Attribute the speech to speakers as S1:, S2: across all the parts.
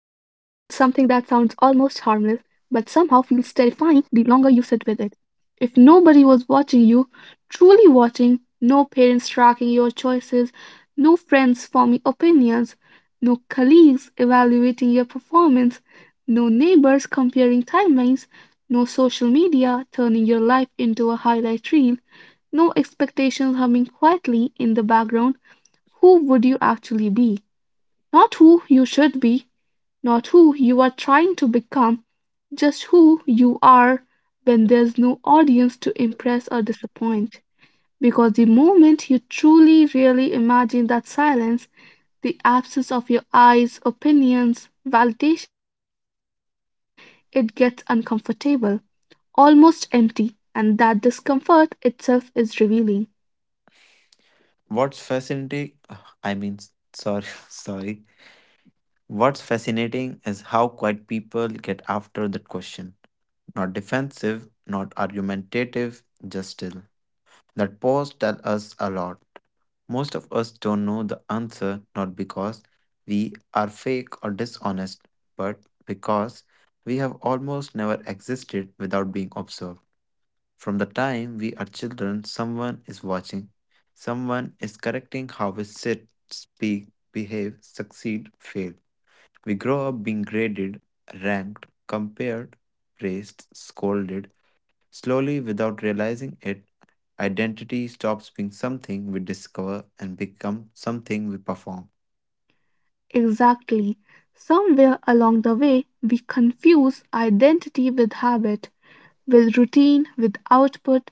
S1: harmless, but somehow feels terrifying the longer you sit with it. If nobody was watching you, truly watching, no parents tracking your choices, no friends forming opinions, no colleagues evaluating your performance, no neighbors comparing timelines, no social media turning your life into a highlight reel, no expectations humming quietly in the background, who would you actually be? Not who you should be, not who you are trying to become, just who you are when there's no audience to impress or disappoint. Because the moment you truly, really imagine that silence, the absence of your eyes, opinions, validation, it gets uncomfortable, almost empty, and that discomfort itself is revealing.
S2: What's fascinating, I mean, sorry. What's fascinating is how quiet people get after that question. Not defensive, not argumentative, just still. That pause tells us a lot. Most of us don't know the answer not because we are fake or dishonest, but because we have almost never existed without being observed. From the time we are children, someone is watching. Someone is correcting how we sit, speak, behave, succeed, fail. We grow up being graded, ranked, compared, praised, scolded. Slowly, without realizing it, identity stops being something we discover and become something we perform.
S1: Exactly. Somewhere along the way, we confuse identity with habit, with routine, with output.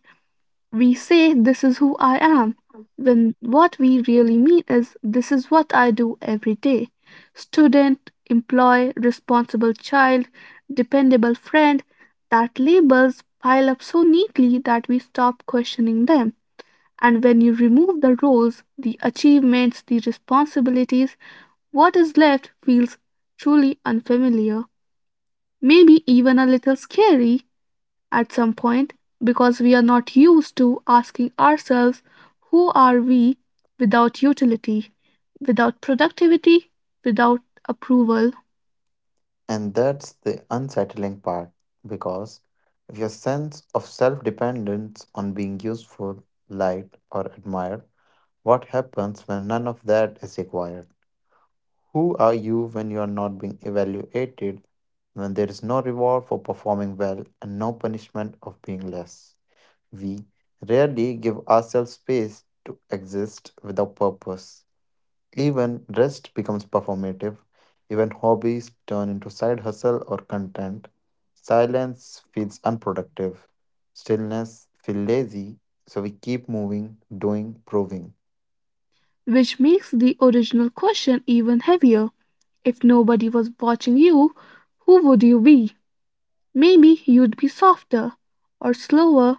S1: We say, "This is who I am," when what we really mean is, "This is what I do every day." Student, employee, responsible child, dependable friend, that labels pile up so neatly that we stop questioning them. And when you remove the roles, the achievements, the responsibilities, what is left feels truly unfamiliar, maybe even a little scary, at some point, because we are not used to asking ourselves, who are we without utility, without productivity, without approval,
S2: And that's the unsettling part because if your sense of self dependence on being useful, liked, or admired. What happens when none of that is required? Who are you when you are not being evaluated, when there is no reward for performing well and no punishment of being less? We rarely give ourselves space to exist without purpose. Even rest becomes performative, even hobbies turn into side hustle or content. Silence feels unproductive, stillness feels lazy, so we keep moving, doing, proving.
S1: which makes the original question even heavier. If nobody was watching you, who would you be? Maybe you'd be softer or slower.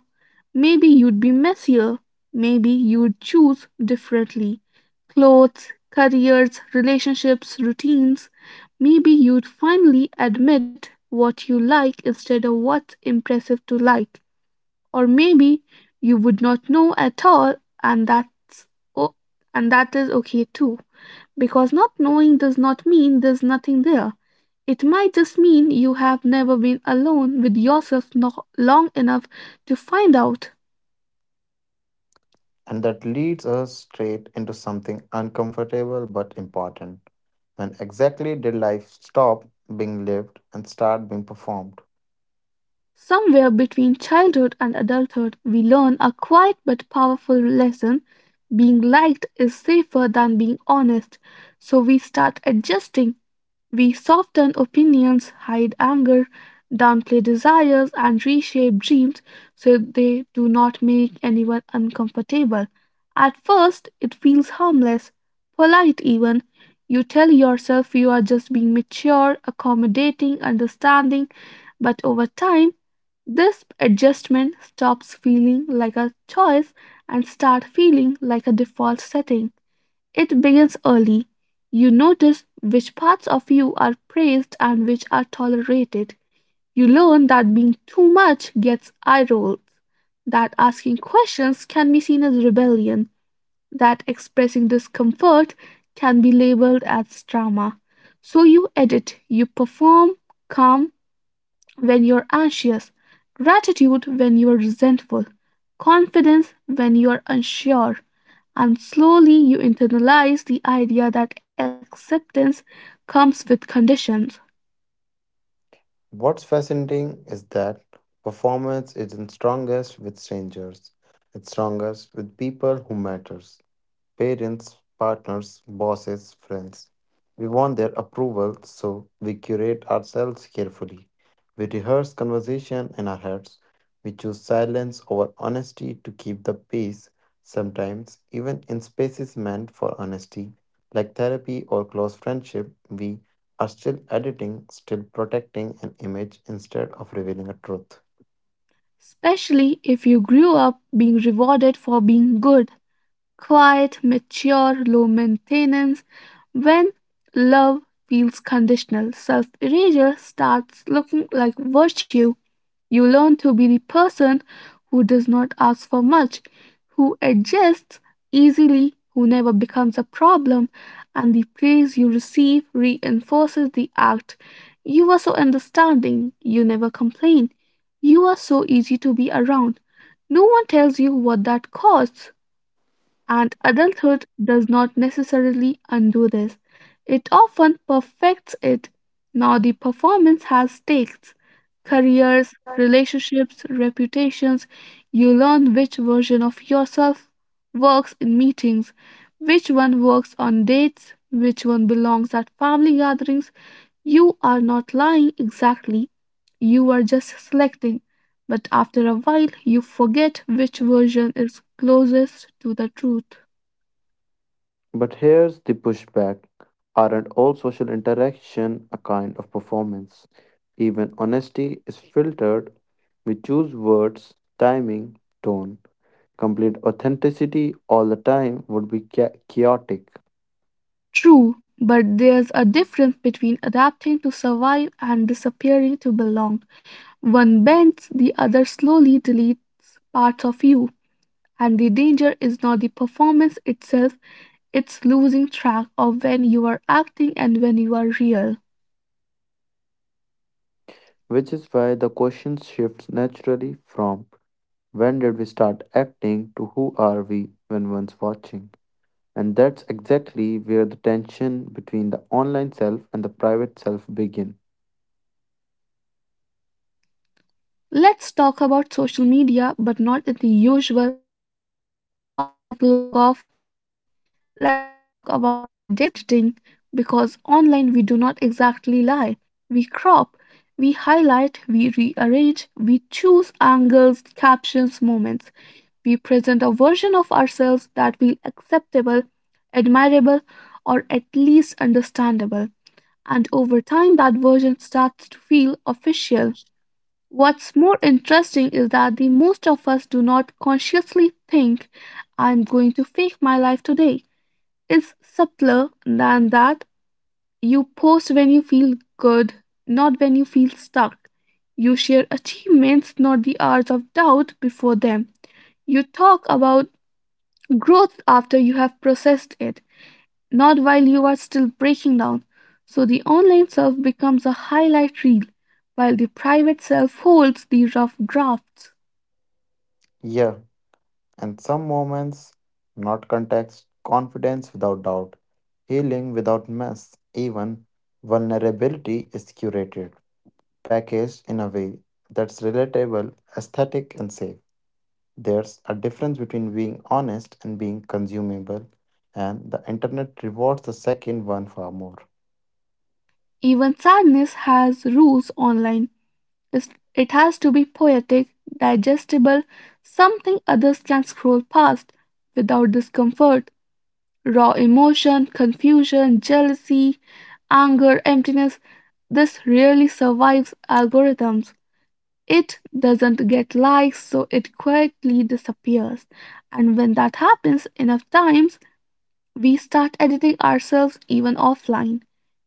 S1: Maybe you'd be messier. Maybe you'd choose differently, clothes, careers, relationships, routines. Maybe you'd finally admit what you like instead of what's impressive to like, or maybe you would not know at all, and oh, and that is okay too, because not knowing does not mean there's nothing there. It might just mean you have never been alone with yourself long enough to find out.
S2: And that leads us straight into something uncomfortable but important. When exactly did life stop being lived and start being performed?
S1: Somewhere between childhood and adulthood we learn a quiet but powerful lesson, being liked is safer than being honest, so we start adjusting. We soften opinions, hide anger, downplay desires, and reshape dreams so they do not make anyone uncomfortable. At first, it feels harmless, polite even. You tell yourself you are just being mature, accommodating, understanding, but over time, this adjustment stops feeling like a choice and start feeling like a default setting. It begins early. You notice which parts of you are praised and which are tolerated. You learn that being too much gets eye rolls, that asking questions can be seen as rebellion, that expressing discomfort can be labeled as drama. So you edit, you perform, calm, when you're anxious, gratitude when you're resentful, confidence when you're unsure, and slowly you internalize the idea that acceptance comes with conditions,
S2: What's fascinating is that performance isn't strongest with strangers. It's strongest with people who matters. Parents, partners, bosses, friends. We want their approval, so we curate ourselves carefully. We rehearse conversation in our heads. We choose silence over honesty to keep the peace, sometimes, even in spaces meant for honesty, like therapy or close friendship, we are still editing, still protecting an image instead of revealing a truth.
S1: especially if you grew up being rewarded for being good. Quiet, mature, low maintenance. When love feels conditional, self erasure starts looking like virtue. You learn to be the person who does not ask for much, who adjusts easily, who never becomes a problem, and the praise you receive reinforces the act. You are so understanding, you never complain. You are so easy to be around. No one tells you what that costs. And adulthood does not necessarily undo this, it often perfects it. Now the performance has stakes, careers, relationships, reputations. You learn which version of yourself works in meetings, which one works on dates, which one belongs at family gatherings. You are not lying exactly, you are just selecting. But after a while, you forget which version is closest to the truth.
S2: But here's the pushback, aren't all social interaction a kind of performance? Even honesty is filtered. We choose words, timing, tone. Complete authenticity all the time would be chaotic,
S1: True, but there's a difference between adapting to survive and disappearing to belong. One bends, the other slowly deletes parts of you. And the danger is not the performance itself, it's losing track of when you are acting and when you are real.
S2: which is why the question shifts naturally from when did we start acting to who are we when one's watching. And that's exactly where the tension between the online self and the private self begin.
S1: Let's talk about social media, but not in the usual, it is toxic log off way. Let's talk about identity editing, because online we do not exactly lie. We crop, we highlight, we rearrange, we choose angles, captions, moments. We present a version of ourselves that feel acceptable, admirable, or at least understandable. And over time, that version starts to feel official. What's more interesting is that the most of us do not consciously think, I'm going to fake my life today. It's subtler than that. You post when you feel good, not when you feel stuck. You share achievements, not the hours of doubt before them. You talk about growth after you have processed it, not while you are still breaking down. So the online self becomes a highlight reel, while the private self holds the rough drafts.
S2: Yeah, and some moments, not context, confidence without doubt, healing without mess, even vulnerability is curated, packaged in a way that's relatable, aesthetic, and safe. There's a difference between being honest and being consumable, and the internet rewards the second one far more.
S1: Even sadness has rules online. It's- It has to be poetic, digestible, something others can scroll past without discomfort. Raw emotion, confusion, jealousy, anger, emptiness, this rarely survives algorithms. It doesn't get likes, so it quietly disappears. And when that happens enough times, we start editing ourselves even offline.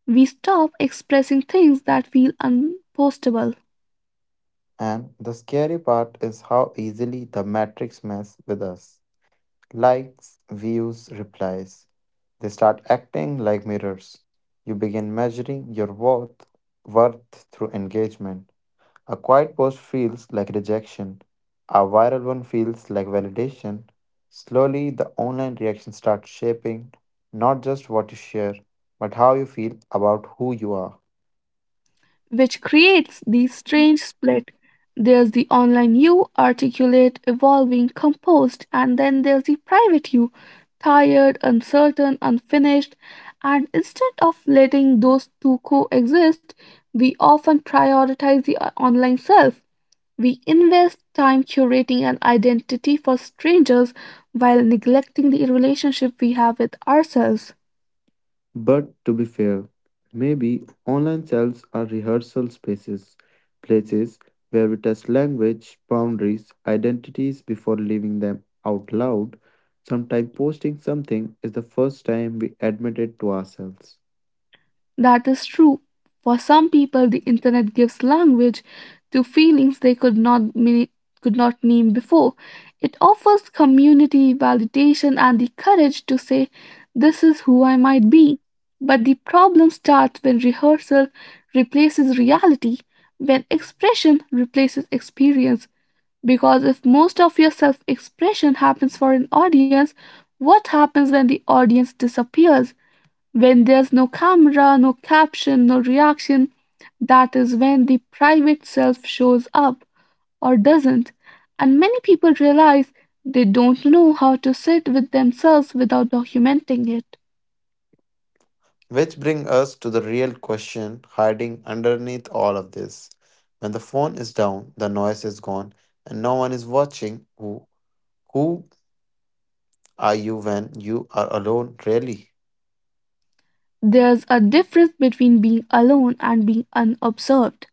S1: We stop expressing things that feel unpostable,
S2: And the scary part is how easily the matrix mess with us. Likes, views, replies. They start acting like mirrors. You begin measuring your worth, worth through engagement. A quiet post feels like rejection. A viral one feels like validation. Slowly, the online reaction starts shaping not just what you share, but how you feel about who you are.
S1: which creates the strange split. There's the online you, articulate, evolving, composed, and then there's the private you, tired, uncertain, unfinished. And instead of letting those two coexist, we often prioritize the online self. We invest time curating an identity for strangers while neglecting the relationship we have with ourselves.
S2: But to be fair, maybe online selves are rehearsal spaces, places where we test language, boundaries, identities before leaving them out loud. Sometimes posting something is the first time we admit it to ourselves.
S1: That is true. For some people, the internet gives language to feelings they could not name before. It offers community validation and the courage to say, "This is who I might be." But the problem starts when rehearsal replaces reality, when expression replaces experience. Because if most of your self expression happens for an audience, what happens when the audience disappears? When there's no camera, no caption, no reaction, that is when the private self shows up or doesn't. And many people realize they don't know how to sit with themselves without documenting it.
S2: Which brings us to the real question hiding underneath all of this. When the phone is down, the noise is gone, and no one is watching, who are you when you are alone, really?
S1: There's a difference between being alone and being unobserved.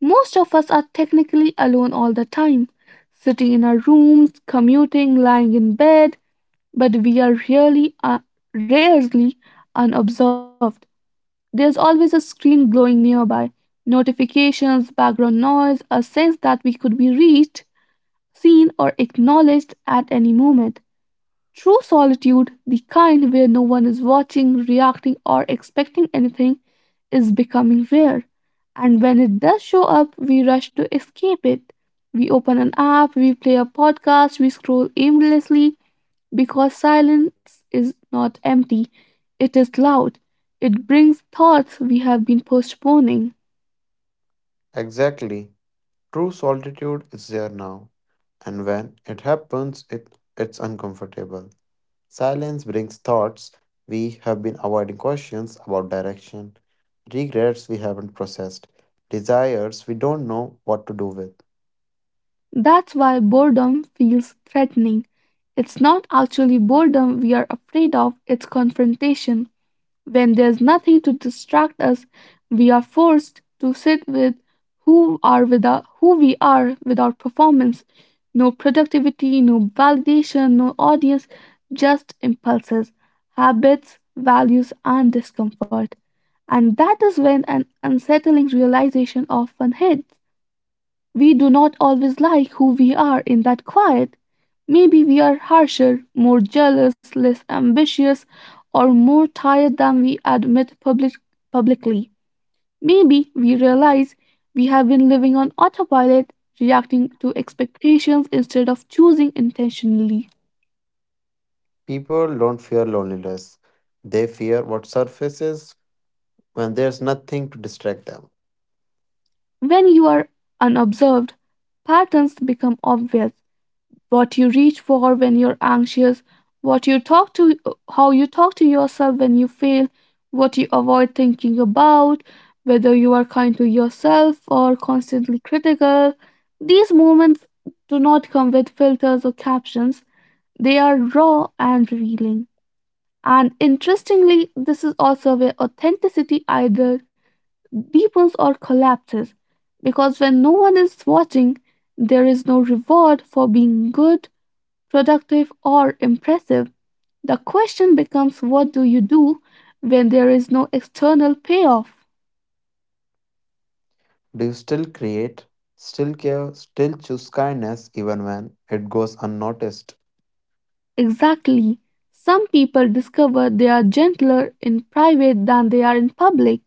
S1: Most of us are technically alone all the time, sitting in our rooms, commuting, lying in bed, but we are really rarely unobserved. There's always a screen glowing nearby, notifications, background noise, a sense that we could be reached, seen, or acknowledged at any moment. True solitude, the kind where no one is watching, reacting, or expecting anything, is becoming rare. And when it does show up, we rush to escape it. We open an app, we play a podcast, we scroll aimlessly because silence is not empty, it is loud. It brings thoughts we have been postponing.
S2: Exactly. True solitude is there now, and when it happens, it's uncomfortable. Silence brings thoughts we have been avoiding, questions about direction, regrets we haven't processed, desires we don't know what to do with.
S1: That's why boredom feels threatening. It's not actually boredom we are afraid of, it's confrontation. When there's nothing to distract us, we are forced to sit with who we are without performance. No productivity, no validation, no audience, just impulses, habits, values, and discomfort. And that is when an unsettling realization often hits. We do not always like who we are in that quiet. Maybe we are harsher, more jealous, less ambitious, or more tired than we admit publicly. Maybe we realize we have been living on autopilot, reacting to expectations instead of choosing intentionally.
S2: People don't fear loneliness, they fear what surfaces when there's nothing to distract them.
S1: When you are unobserved, patterns become obvious. What you reach for when you're anxious, what you talk to, how you talk to yourself when you fail, what you avoid thinking about, whether you are kind to yourself or constantly critical. These moments do not come with filters or captions, they are raw and revealing. And interestingly, this is also where authenticity either deepens or collapses. Because when no one is watching, there is no reward for being good, productive, or impressive. The question becomes, what do you do when there is no external payoff?
S2: Do you still create, still care, still choose kindness even when it goes unnoticed?
S1: Exactly. Some people discover they are gentler in private than they are in public.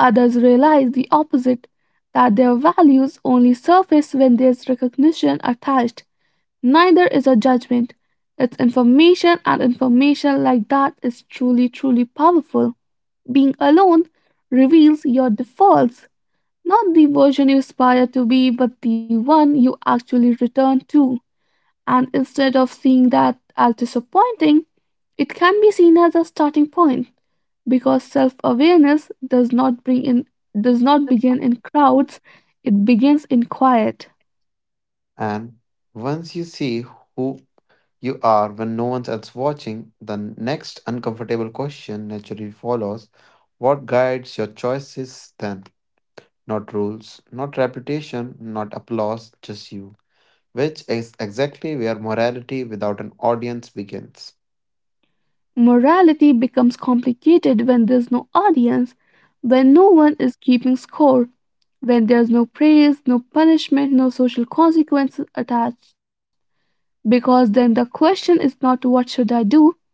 S1: Others realize the opposite, that their values only surface when there's recognition attached. Neither is a judgment. It's information, and information like that is truly, truly powerful. Being alone reveals your defaults. Not the version you aspire to be, but the one you actually return to. And instead of seeing that as disappointing, it can be seen as a starting point, because self-awareness does not begin in crowds, it begins in quiet.
S2: And once you see who you are when no one's else watching, the next uncomfortable question naturally follows. What guides your choices then? Not rules, not reputation, not applause, just you. Which is exactly where morality without an audience begins.
S1: Morality becomes complicated when there's no audience, when no one is keeping score, when there's no praise, no punishment, no social consequences attached. Because then the question is not what should I do,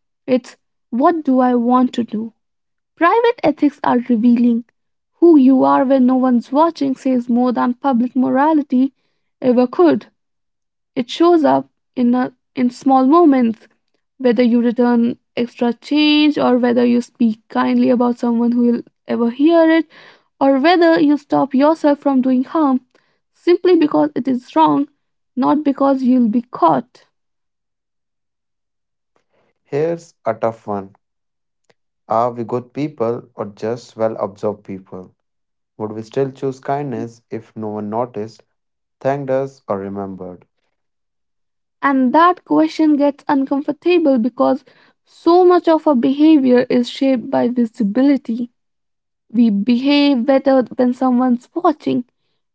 S1: it's what do I want to do. Private ethics are revealing. Who you are when no one's watching says more than public morality ever could. It shows up in small moments, whether you return extra change or whether you speak kindly about someone who will ever hear it, or whether you stop yourself from doing harm simply because it is wrong, not because you'll be caught.
S2: Here's a tough one. Are we good people or just well observed people? Would we still choose kindness if no one noticed, thanked us, or remembered?
S1: And that question gets uncomfortable because so much of our behavior is shaped by visibility. We behave better when someone's watching.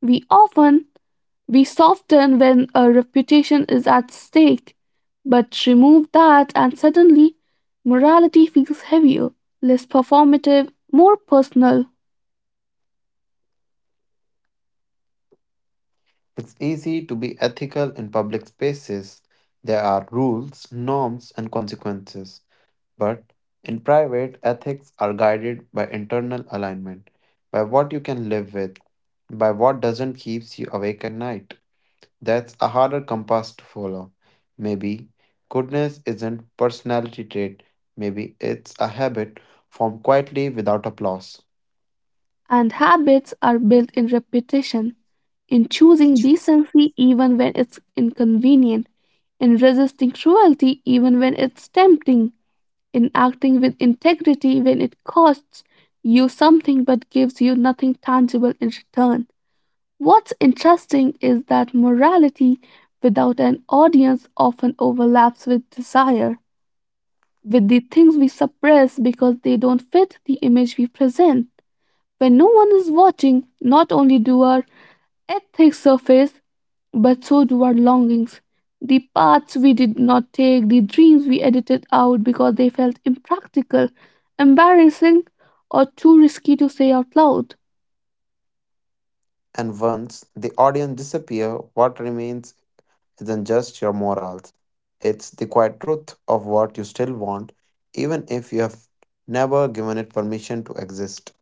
S1: We often we soften when a reputation is at stake. But remove that and suddenly morality feels heavier, less performative, more personal.
S2: It's easy to be ethical in public spaces. There are rules, norms, and consequences. But in private, ethics are guided by internal alignment, by what you can live with, by what doesn't keeps you awake at night. That's a harder compass to follow. Maybe goodness isn't personality trait. Maybe it's a habit formed quietly without applause.
S1: And habits are built in repetition, in choosing decency even when it's inconvenient, in resisting cruelty even when it's tempting, in acting with integrity when it costs you something but gives you nothing tangible in return. What's interesting is that morality without an audience often overlaps with desire, with the things we suppress because they don't fit the image we present. When no one is watching, not only do our ethics surface, but so do our longings. The paths we did not take, the dreams we edited out because they felt impractical, embarrassing, or too risky to say out loud.
S2: And once the audience disappear, what remains isn't just your morals, it's the quiet truth of what you still want, even if you have never given it permission to exist,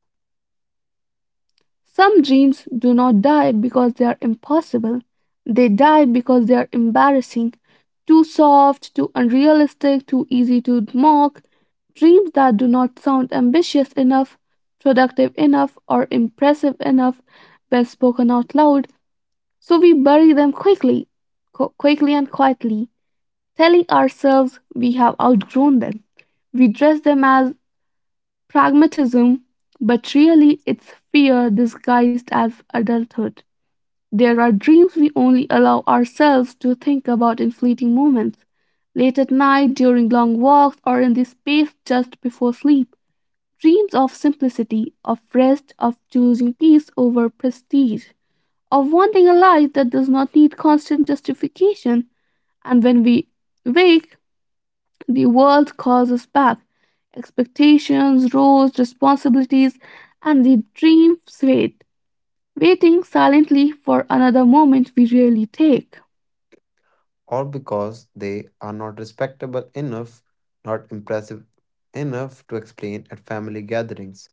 S1: Some dreams do not die because they are impossible, they die because they are embarrassing, too soft, too unrealistic, too easy to mock. Dreams that do not sound ambitious enough, productive enough, or impressive enough when spoken out loud, so we bury them quickly, quickly and quietly, telling ourselves we have outgrown them. We dress them as pragmatism, but really it's fear disguised as adulthood. There are dreams we only allow ourselves to think about in fleeting moments, late at night, during long walks, or in the space just before sleep. Dreams of simplicity, of rest, of choosing peace over prestige, of wanting a life that does not need constant justification. And when we wake, the world calls us back. Expectations, roles, responsibilities, and the dream fade, waiting silently for another moment we rarely take.
S2: or because they are not respectable enough, not impressive enough to explain at family gatherings.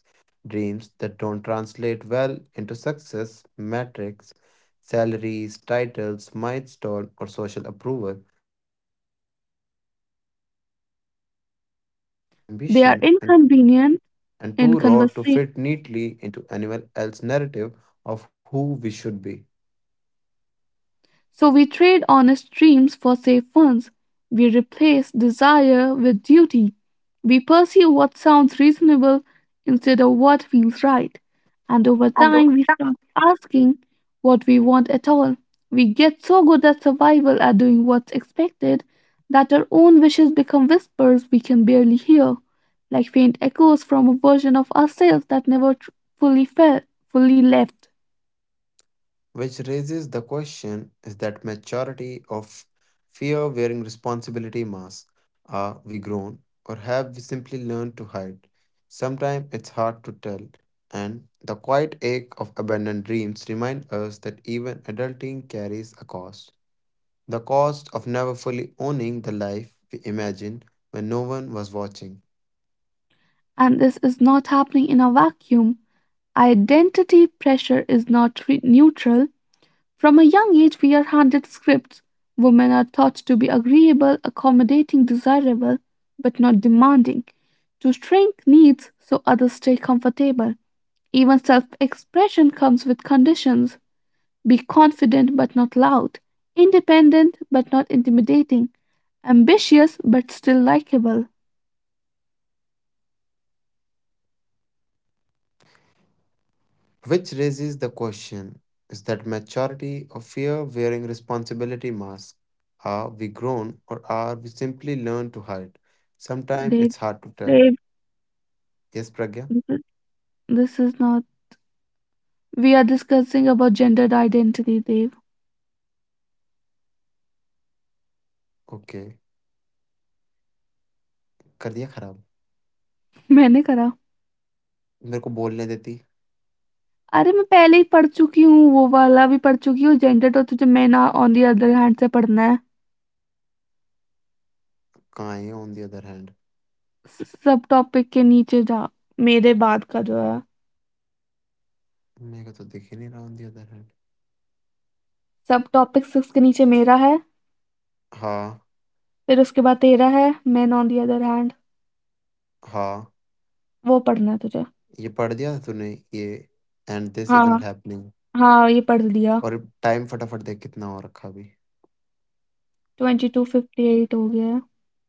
S2: Dreams that don't translate well into success, metrics, salaries, titles, milestone, or social approval. They are inconvenient in conversation, awkward in
S1: They are
S2: ambition, and.
S1: inconvenient
S2: And too
S1: in
S2: raw to
S1: conversation.
S2: fit neatly into anyone else's narrative of who we should be.
S1: So we trade honest dreams for safe ones. We replace desire with duty. We pursue what sounds reasonable instead of what feels right. And over time, we start asking what we want at all. We get so good at survival at doing what's expected that our own wishes become whispers we can barely hear, like faint echoes from a version of ourselves that never fully felt, fully left.
S2: Which raises the question, is that maturity of fear wearing responsibility mask? Are we grown or have we simply learned to hide? Sometimes it's hard to tell, and the quiet ache of abandoned dreams remind us that even adulting carries a cost. The cost of never fully owning the life we imagined when no one was watching.
S1: And this is not happening in a vacuum. Identity pressure is not neutral. From a young age, we are handed scripts. Women are taught to be agreeable, accommodating, desirable, but not demanding, to shrink needs so others stay comfortable. Even self expression comes with conditions be confident but not loud, independent but not intimidating, ambitious but still likable.
S2: Which raises the question, is that maturity or fear wearing responsibility mask? Are we grown or are we simply learned to hide? Sometimes
S1: Dave,
S2: it's hard to tell.
S1: Dave,
S2: Yes, Pragya?
S1: this is not. We are discussing about gendered identity, Dave.
S2: Okay. कर दिया खराब
S1: मैंने करा।
S2: मेरे को बोलने देती
S1: अरे मैं पहले ही पढ़ चुकी हूँ, वो वाला भी पढ़ चुकी हूँ, जेनरेट और तुझे मैना ऑन द अदर हैंड से पढ़ना है।
S2: कहाँ है ऑन दी अदर हैंड
S1: स सब टॉपिक के नीचे जा मेरे बाद का जो है।
S2: मेरे को तो दिख ही नहीं रहा ऑन दी अदर हैंड
S1: सब टॉपिक 6 के नीचे मेरा है,
S2: हाँ
S1: फिर उसके बाद तेरा है, man on the other hand
S2: हाँ
S1: वो पढ़ना है तुझे।
S2: ये पढ़ दिया था तूने ये एंड दिस
S1: हाँ,
S2: इजंट हैपनिंग
S1: हाँ, ये पढ़ लिया।
S2: और टाइम फटाफट देख कितना हो रखा अभी
S1: 22:58 हो गया है।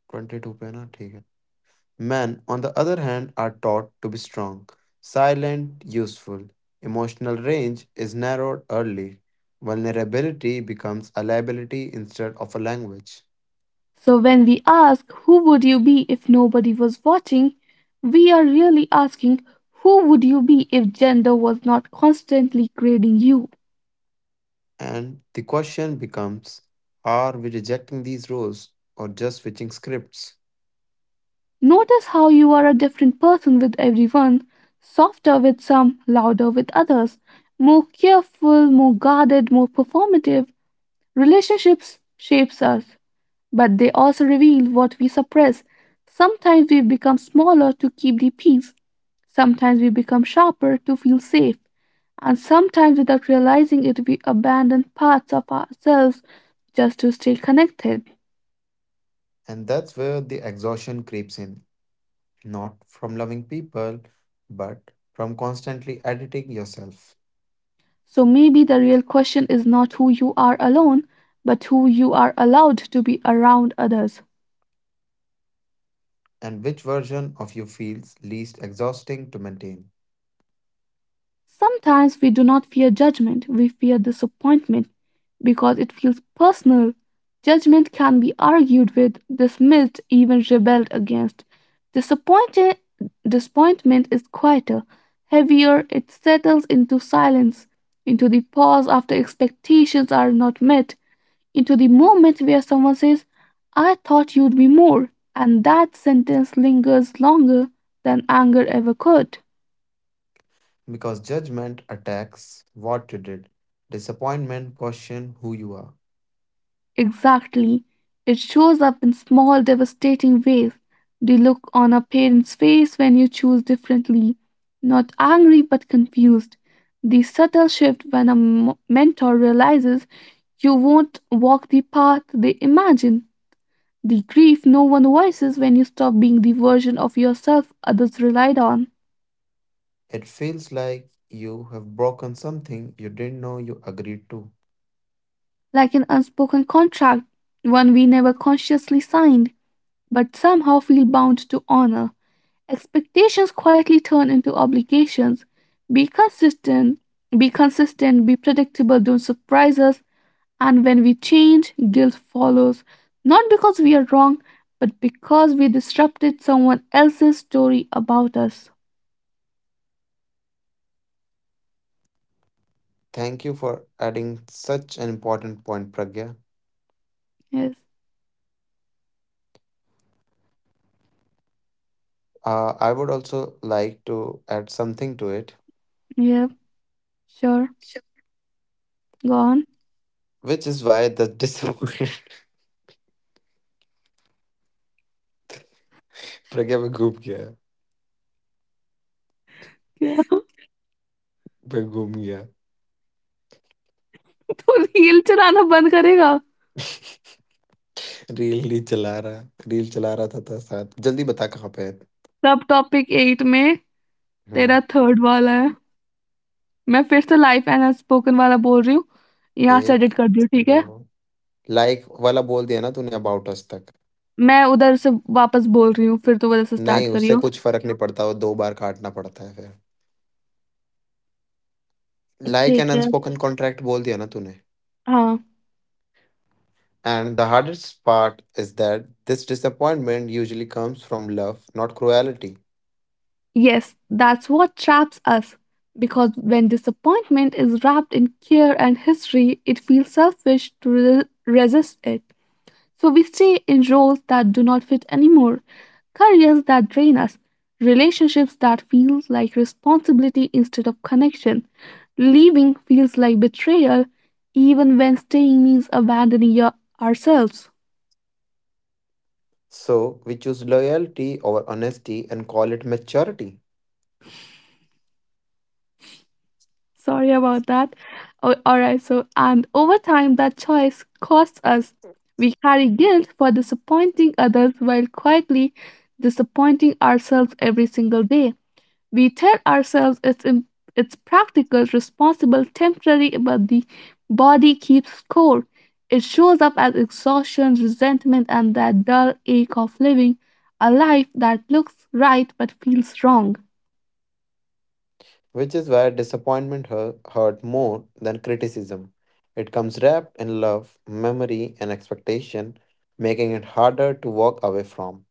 S2: ट्वेंटी टू पे है ना ठीक है. Men, on the other hand, are taught to be strong, silent, useful. Emotional range is narrowed early. Vulnerability becomes a liability instead of a language.
S1: So when we ask who would you be if nobody was watching, we are really asking who would you be if gender was not constantly grading you.
S2: And the question becomes, are we rejecting these roles or just switching scripts?
S1: Notice how you are a different person with everyone, softer with some, louder with others, more careful, more guarded, more performative. Relationships shapes us, but they also reveal what we suppress. Sometimes we become smaller to keep the peace. Sometimes we become sharper to feel safe. And sometimes without realizing it, we abandon parts of ourselves just to stay connected.
S2: And that's where the exhaustion creeps in, not from loving people, but from constantly editing yourself
S1: So maybe the real question is not who you are alone, but who you are allowed to be around others.
S2: and which version of you feels least exhausting to maintain.
S1: Sometimes we do not fear judgment, we fear disappointment because it feels personal. Judgment can be argued with, dismissed, even rebelled against. Disappointed, disappointment is quieter, heavier, it settles into silence, into the pause after expectations are not met into the moment where someone says, I thought you'd be more, and that sentence lingers longer than anger ever could.
S2: Because judgment attacks what you did. Disappointment question who you are.
S1: Exactly. It shows up in small, devastating ways. The look on a parent's face when you choose differently, not angry but confused. The subtle shift when a mentor realizes you won't walk the path they imagine. The grief no one voices when you stop being the version of yourself others relied on.
S2: It feels like you have broken something you didn't know you agreed to.
S1: Like an unspoken contract, one we never consciously signed, but somehow feel bound to honor. Expectations quietly turn into obligations. Be consistent, be consistent, be predictable, don't surprise us. And when we change, guilt follows. Not because we are wrong, but because we disrupted someone else's story about us.
S2: Thank you for adding such an important point, Pragya.
S1: Yes.
S2: I would also like to add something to it.
S1: Yeah. Sure.
S2: Sure.
S1: Go on.
S2: Which is why the disappointment. Pragya,
S1: क्या
S2: मैं घूम गया
S1: तो reel चलाना बंद करेगा
S2: reel नहीं चला रहा रील चला रहा था, था साथ जल्दी बता कहाँ पे है
S1: सब टॉपिक एट में
S2: हम्म
S1: तेरा थर्ड वाला है। मैं फिर से लाइफ एंड अनस्पोकन वाला बोल रही हूँ। यहाँ से
S2: एक
S1: एडिट कर दियो, ठीक
S2: दो
S1: है?
S2: Like वाला बोल दिया ना तूने about us तक
S1: मैं उधर से वापस बोल रही हूँ, फिर तू उधर से स्टार्ट
S2: नहीं उससे
S1: करियो।
S2: कुछ फर्क नहीं पड़ता वो दो बार काटना पड़ता है फिर like an
S1: ठीक है।
S2: unspoken contract बोल दिया ना तूने.
S1: हाँ।
S2: And the hardest part is that this disappointment usually comes from love, not cruelty.
S1: Yes, that's what traps us. Because when disappointment is wrapped in care and history, it feels selfish to re resist it. So we stay in roles that do not fit anymore, careers that drain us, relationships that feel like responsibility instead of connection. Leaving feels like betrayal, even when staying means abandoning your, ourselves.
S2: So we choose loyalty over honesty and call it maturity,
S1: Sorry about that. Oh, all right, so, and over time, that choice costs us. We carry guilt for disappointing others while quietly disappointing ourselves every single day. We tell ourselves it's practical, responsible, temporary, but the body keeps score. It shows up as exhaustion, resentment, and that dull ache of living a life that looks right but feels wrong.
S2: which is why disappointment hurts more than criticism. It comes wrapped in love, memory, and expectation, making it harder to walk away from.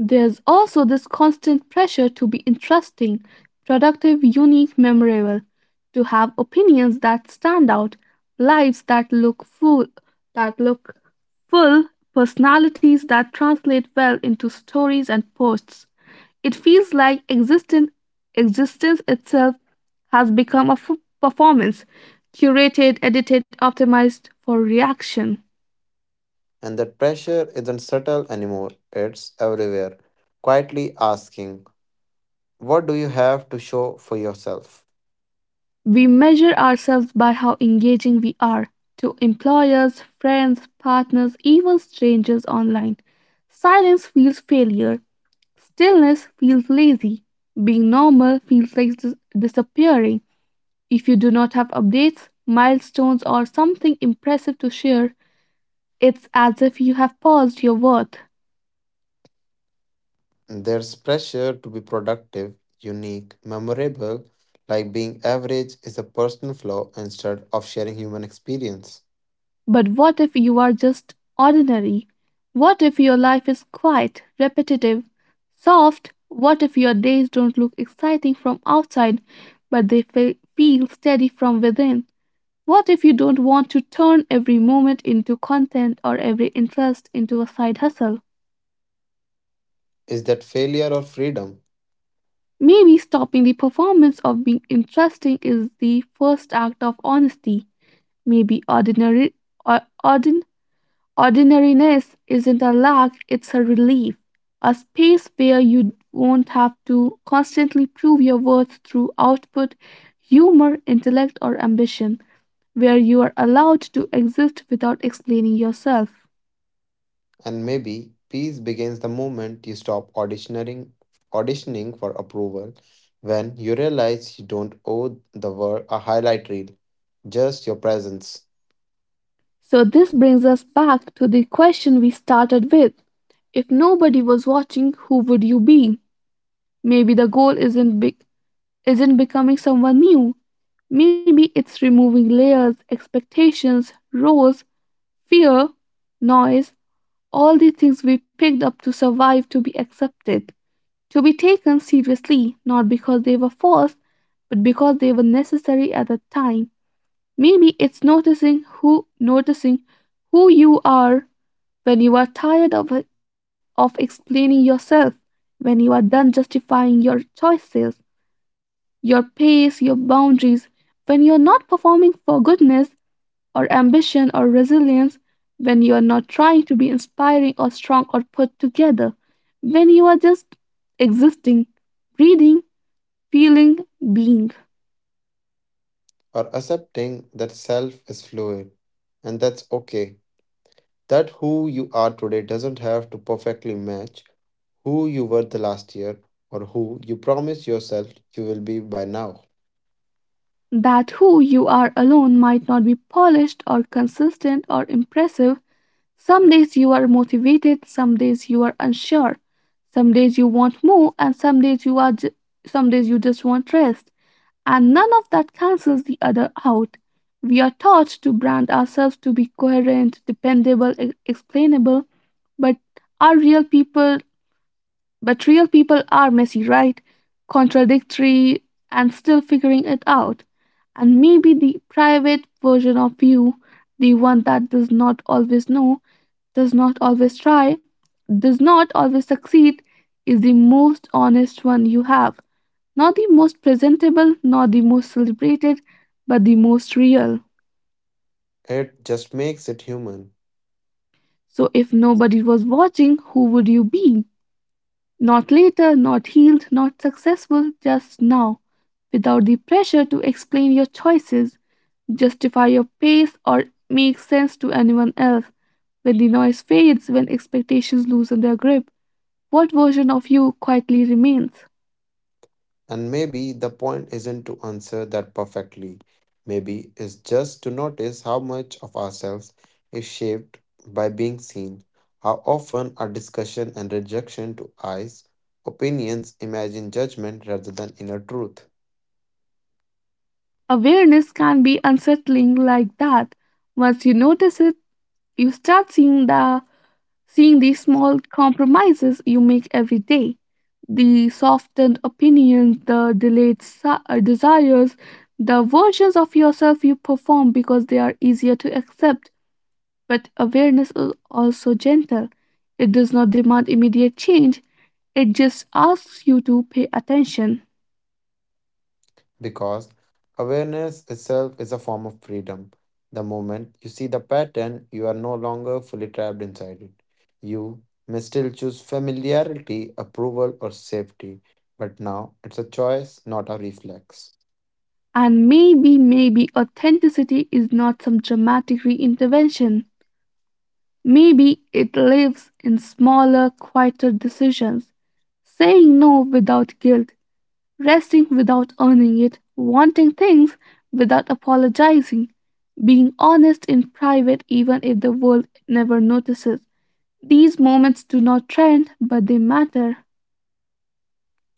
S1: There's also this constant pressure to be interesting, productive, unique, memorable, to have opinions that stand out, lives that look full, that look full, personalities that translate well into stories and posts. It feels like existence itself has become a performance, curated, edited, optimized for reaction.
S2: And that pressure isn't subtle anymore, it's everywhere, quietly asking, what do you have to show for yourself?
S1: We measure ourselves by how engaging we are to employers, friends, partners, even strangers online. Silence feels failure, stillness feels lazy, being normal feels like disappearing. If you do not have updates, milestones, or something impressive to share, it's as if you have paused your worth.
S2: There's pressure to be productive, unique, memorable, like being average is a personal flaw instead of sharing human experience.
S1: But what if you are just ordinary? What if your life is quiet, repetitive, soft? What if your days don't look exciting from outside, but they feel steady from within? What if you don't want to turn every moment into content or every interest into a side hustle?
S2: Is that failure or freedom?
S1: Maybe stopping the performance of being interesting is the first act of honesty. Maybe ordinary or ordinary Ordinariness isn't a lack, it's a relief. A space where you won't have to constantly prove your worth through output, humor, intellect, or ambition, where you are allowed to exist without explaining yourself.
S2: And maybe peace begins the moment you stop auditioning, auditioning for approval, when you realize you don't owe the world a highlight reel, just your presence.
S1: So, this brings us back to the question we started with if nobody was watching, who would you be? Maybe the goal isn't big, isn't becoming someone new. Maybe it's removing layers, expectations, roles, fear, noise, all the things we picked up to survive, to be accepted, to be taken seriously, not because they were false, but because they were necessary at the time. Maybe it's noticing who you are when you are tired of explaining yourself, when you are done justifying your choices, your pace, your boundaries, when you're not performing for goodness or ambition or resilience, when you are not trying to be inspiring or strong or put together, when you are just existing, breathing, feeling, being.
S2: Or accepting that self is fluid and that's okay. That who you are today doesn't have to perfectly match who you were the last year or who you promise yourself you will be by now.
S1: That who you are alone might not be polished or consistent or impressive. Some days you are motivated, some days you are unsure, some days you want more, and some days you are. Some days you just want rest. And none of that cancels the other out. We are taught to brand ourselves to be coherent, dependable, explainable, but are real people but real people are messy, right? Contradictory and still figuring it out. And maybe the private version of you, the one that does not always know, does not always try, does not always succeed, is the most honest one you have. Not the most presentable, not the most celebrated, but the most real.
S2: It just makes it human.
S1: So if nobody was watching, who would you be? Not later, not healed, not successful, just now. Without the pressure to explain your choices, justify your pace, or make sense to anyone else. When the noise fades, when expectations loosen their grip, what version of you quietly remains?
S2: And maybe the point isn't to answer that perfectly. Maybe it's just to notice how much of ourselves is shaped by being seen, how often our discussion and rejection to eyes, opinions, imagine judgment rather than inner truth.
S1: Awareness can be unsettling like that. Once you notice it, you start seeing the small compromises you make every day. The softened opinions, the desires, the versions of yourself you perform because they are easier to accept. But awareness is also gentle. It does not demand immediate change, it just asks you to pay attention.
S2: Because awareness itself is a form of freedom. The moment you see the pattern, you are no longer fully trapped inside it. You may still choose familiarity, approval, or safety, but now it's a choice, not a reflex.
S1: And maybe authenticity is not some dramatic reinvention. Maybe it lives in smaller, quieter decisions. Saying no without guilt, resting without earning it, wanting things without apologizing, being honest in private even if the world never notices. These moments do not trend, but they matter.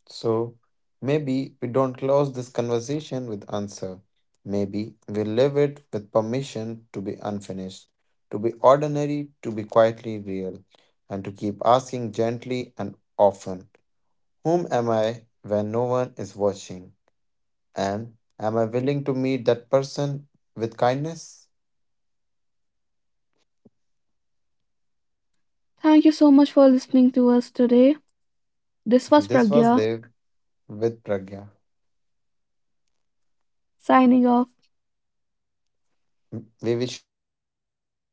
S2: So maybe we don't close this conversation with answer. Maybe we leave it with permission to be unfinished, to be ordinary, to be quietly real, and to keep asking gently and often. Whom am I when no one is watching? And am I willing to meet that person with kindness?
S1: Thank you so much for listening to us today. This
S2: This
S1: was
S2: was Dev
S1: Pragya
S2: with Pragya.
S1: signing off.
S2: We wish you a great rest of your day.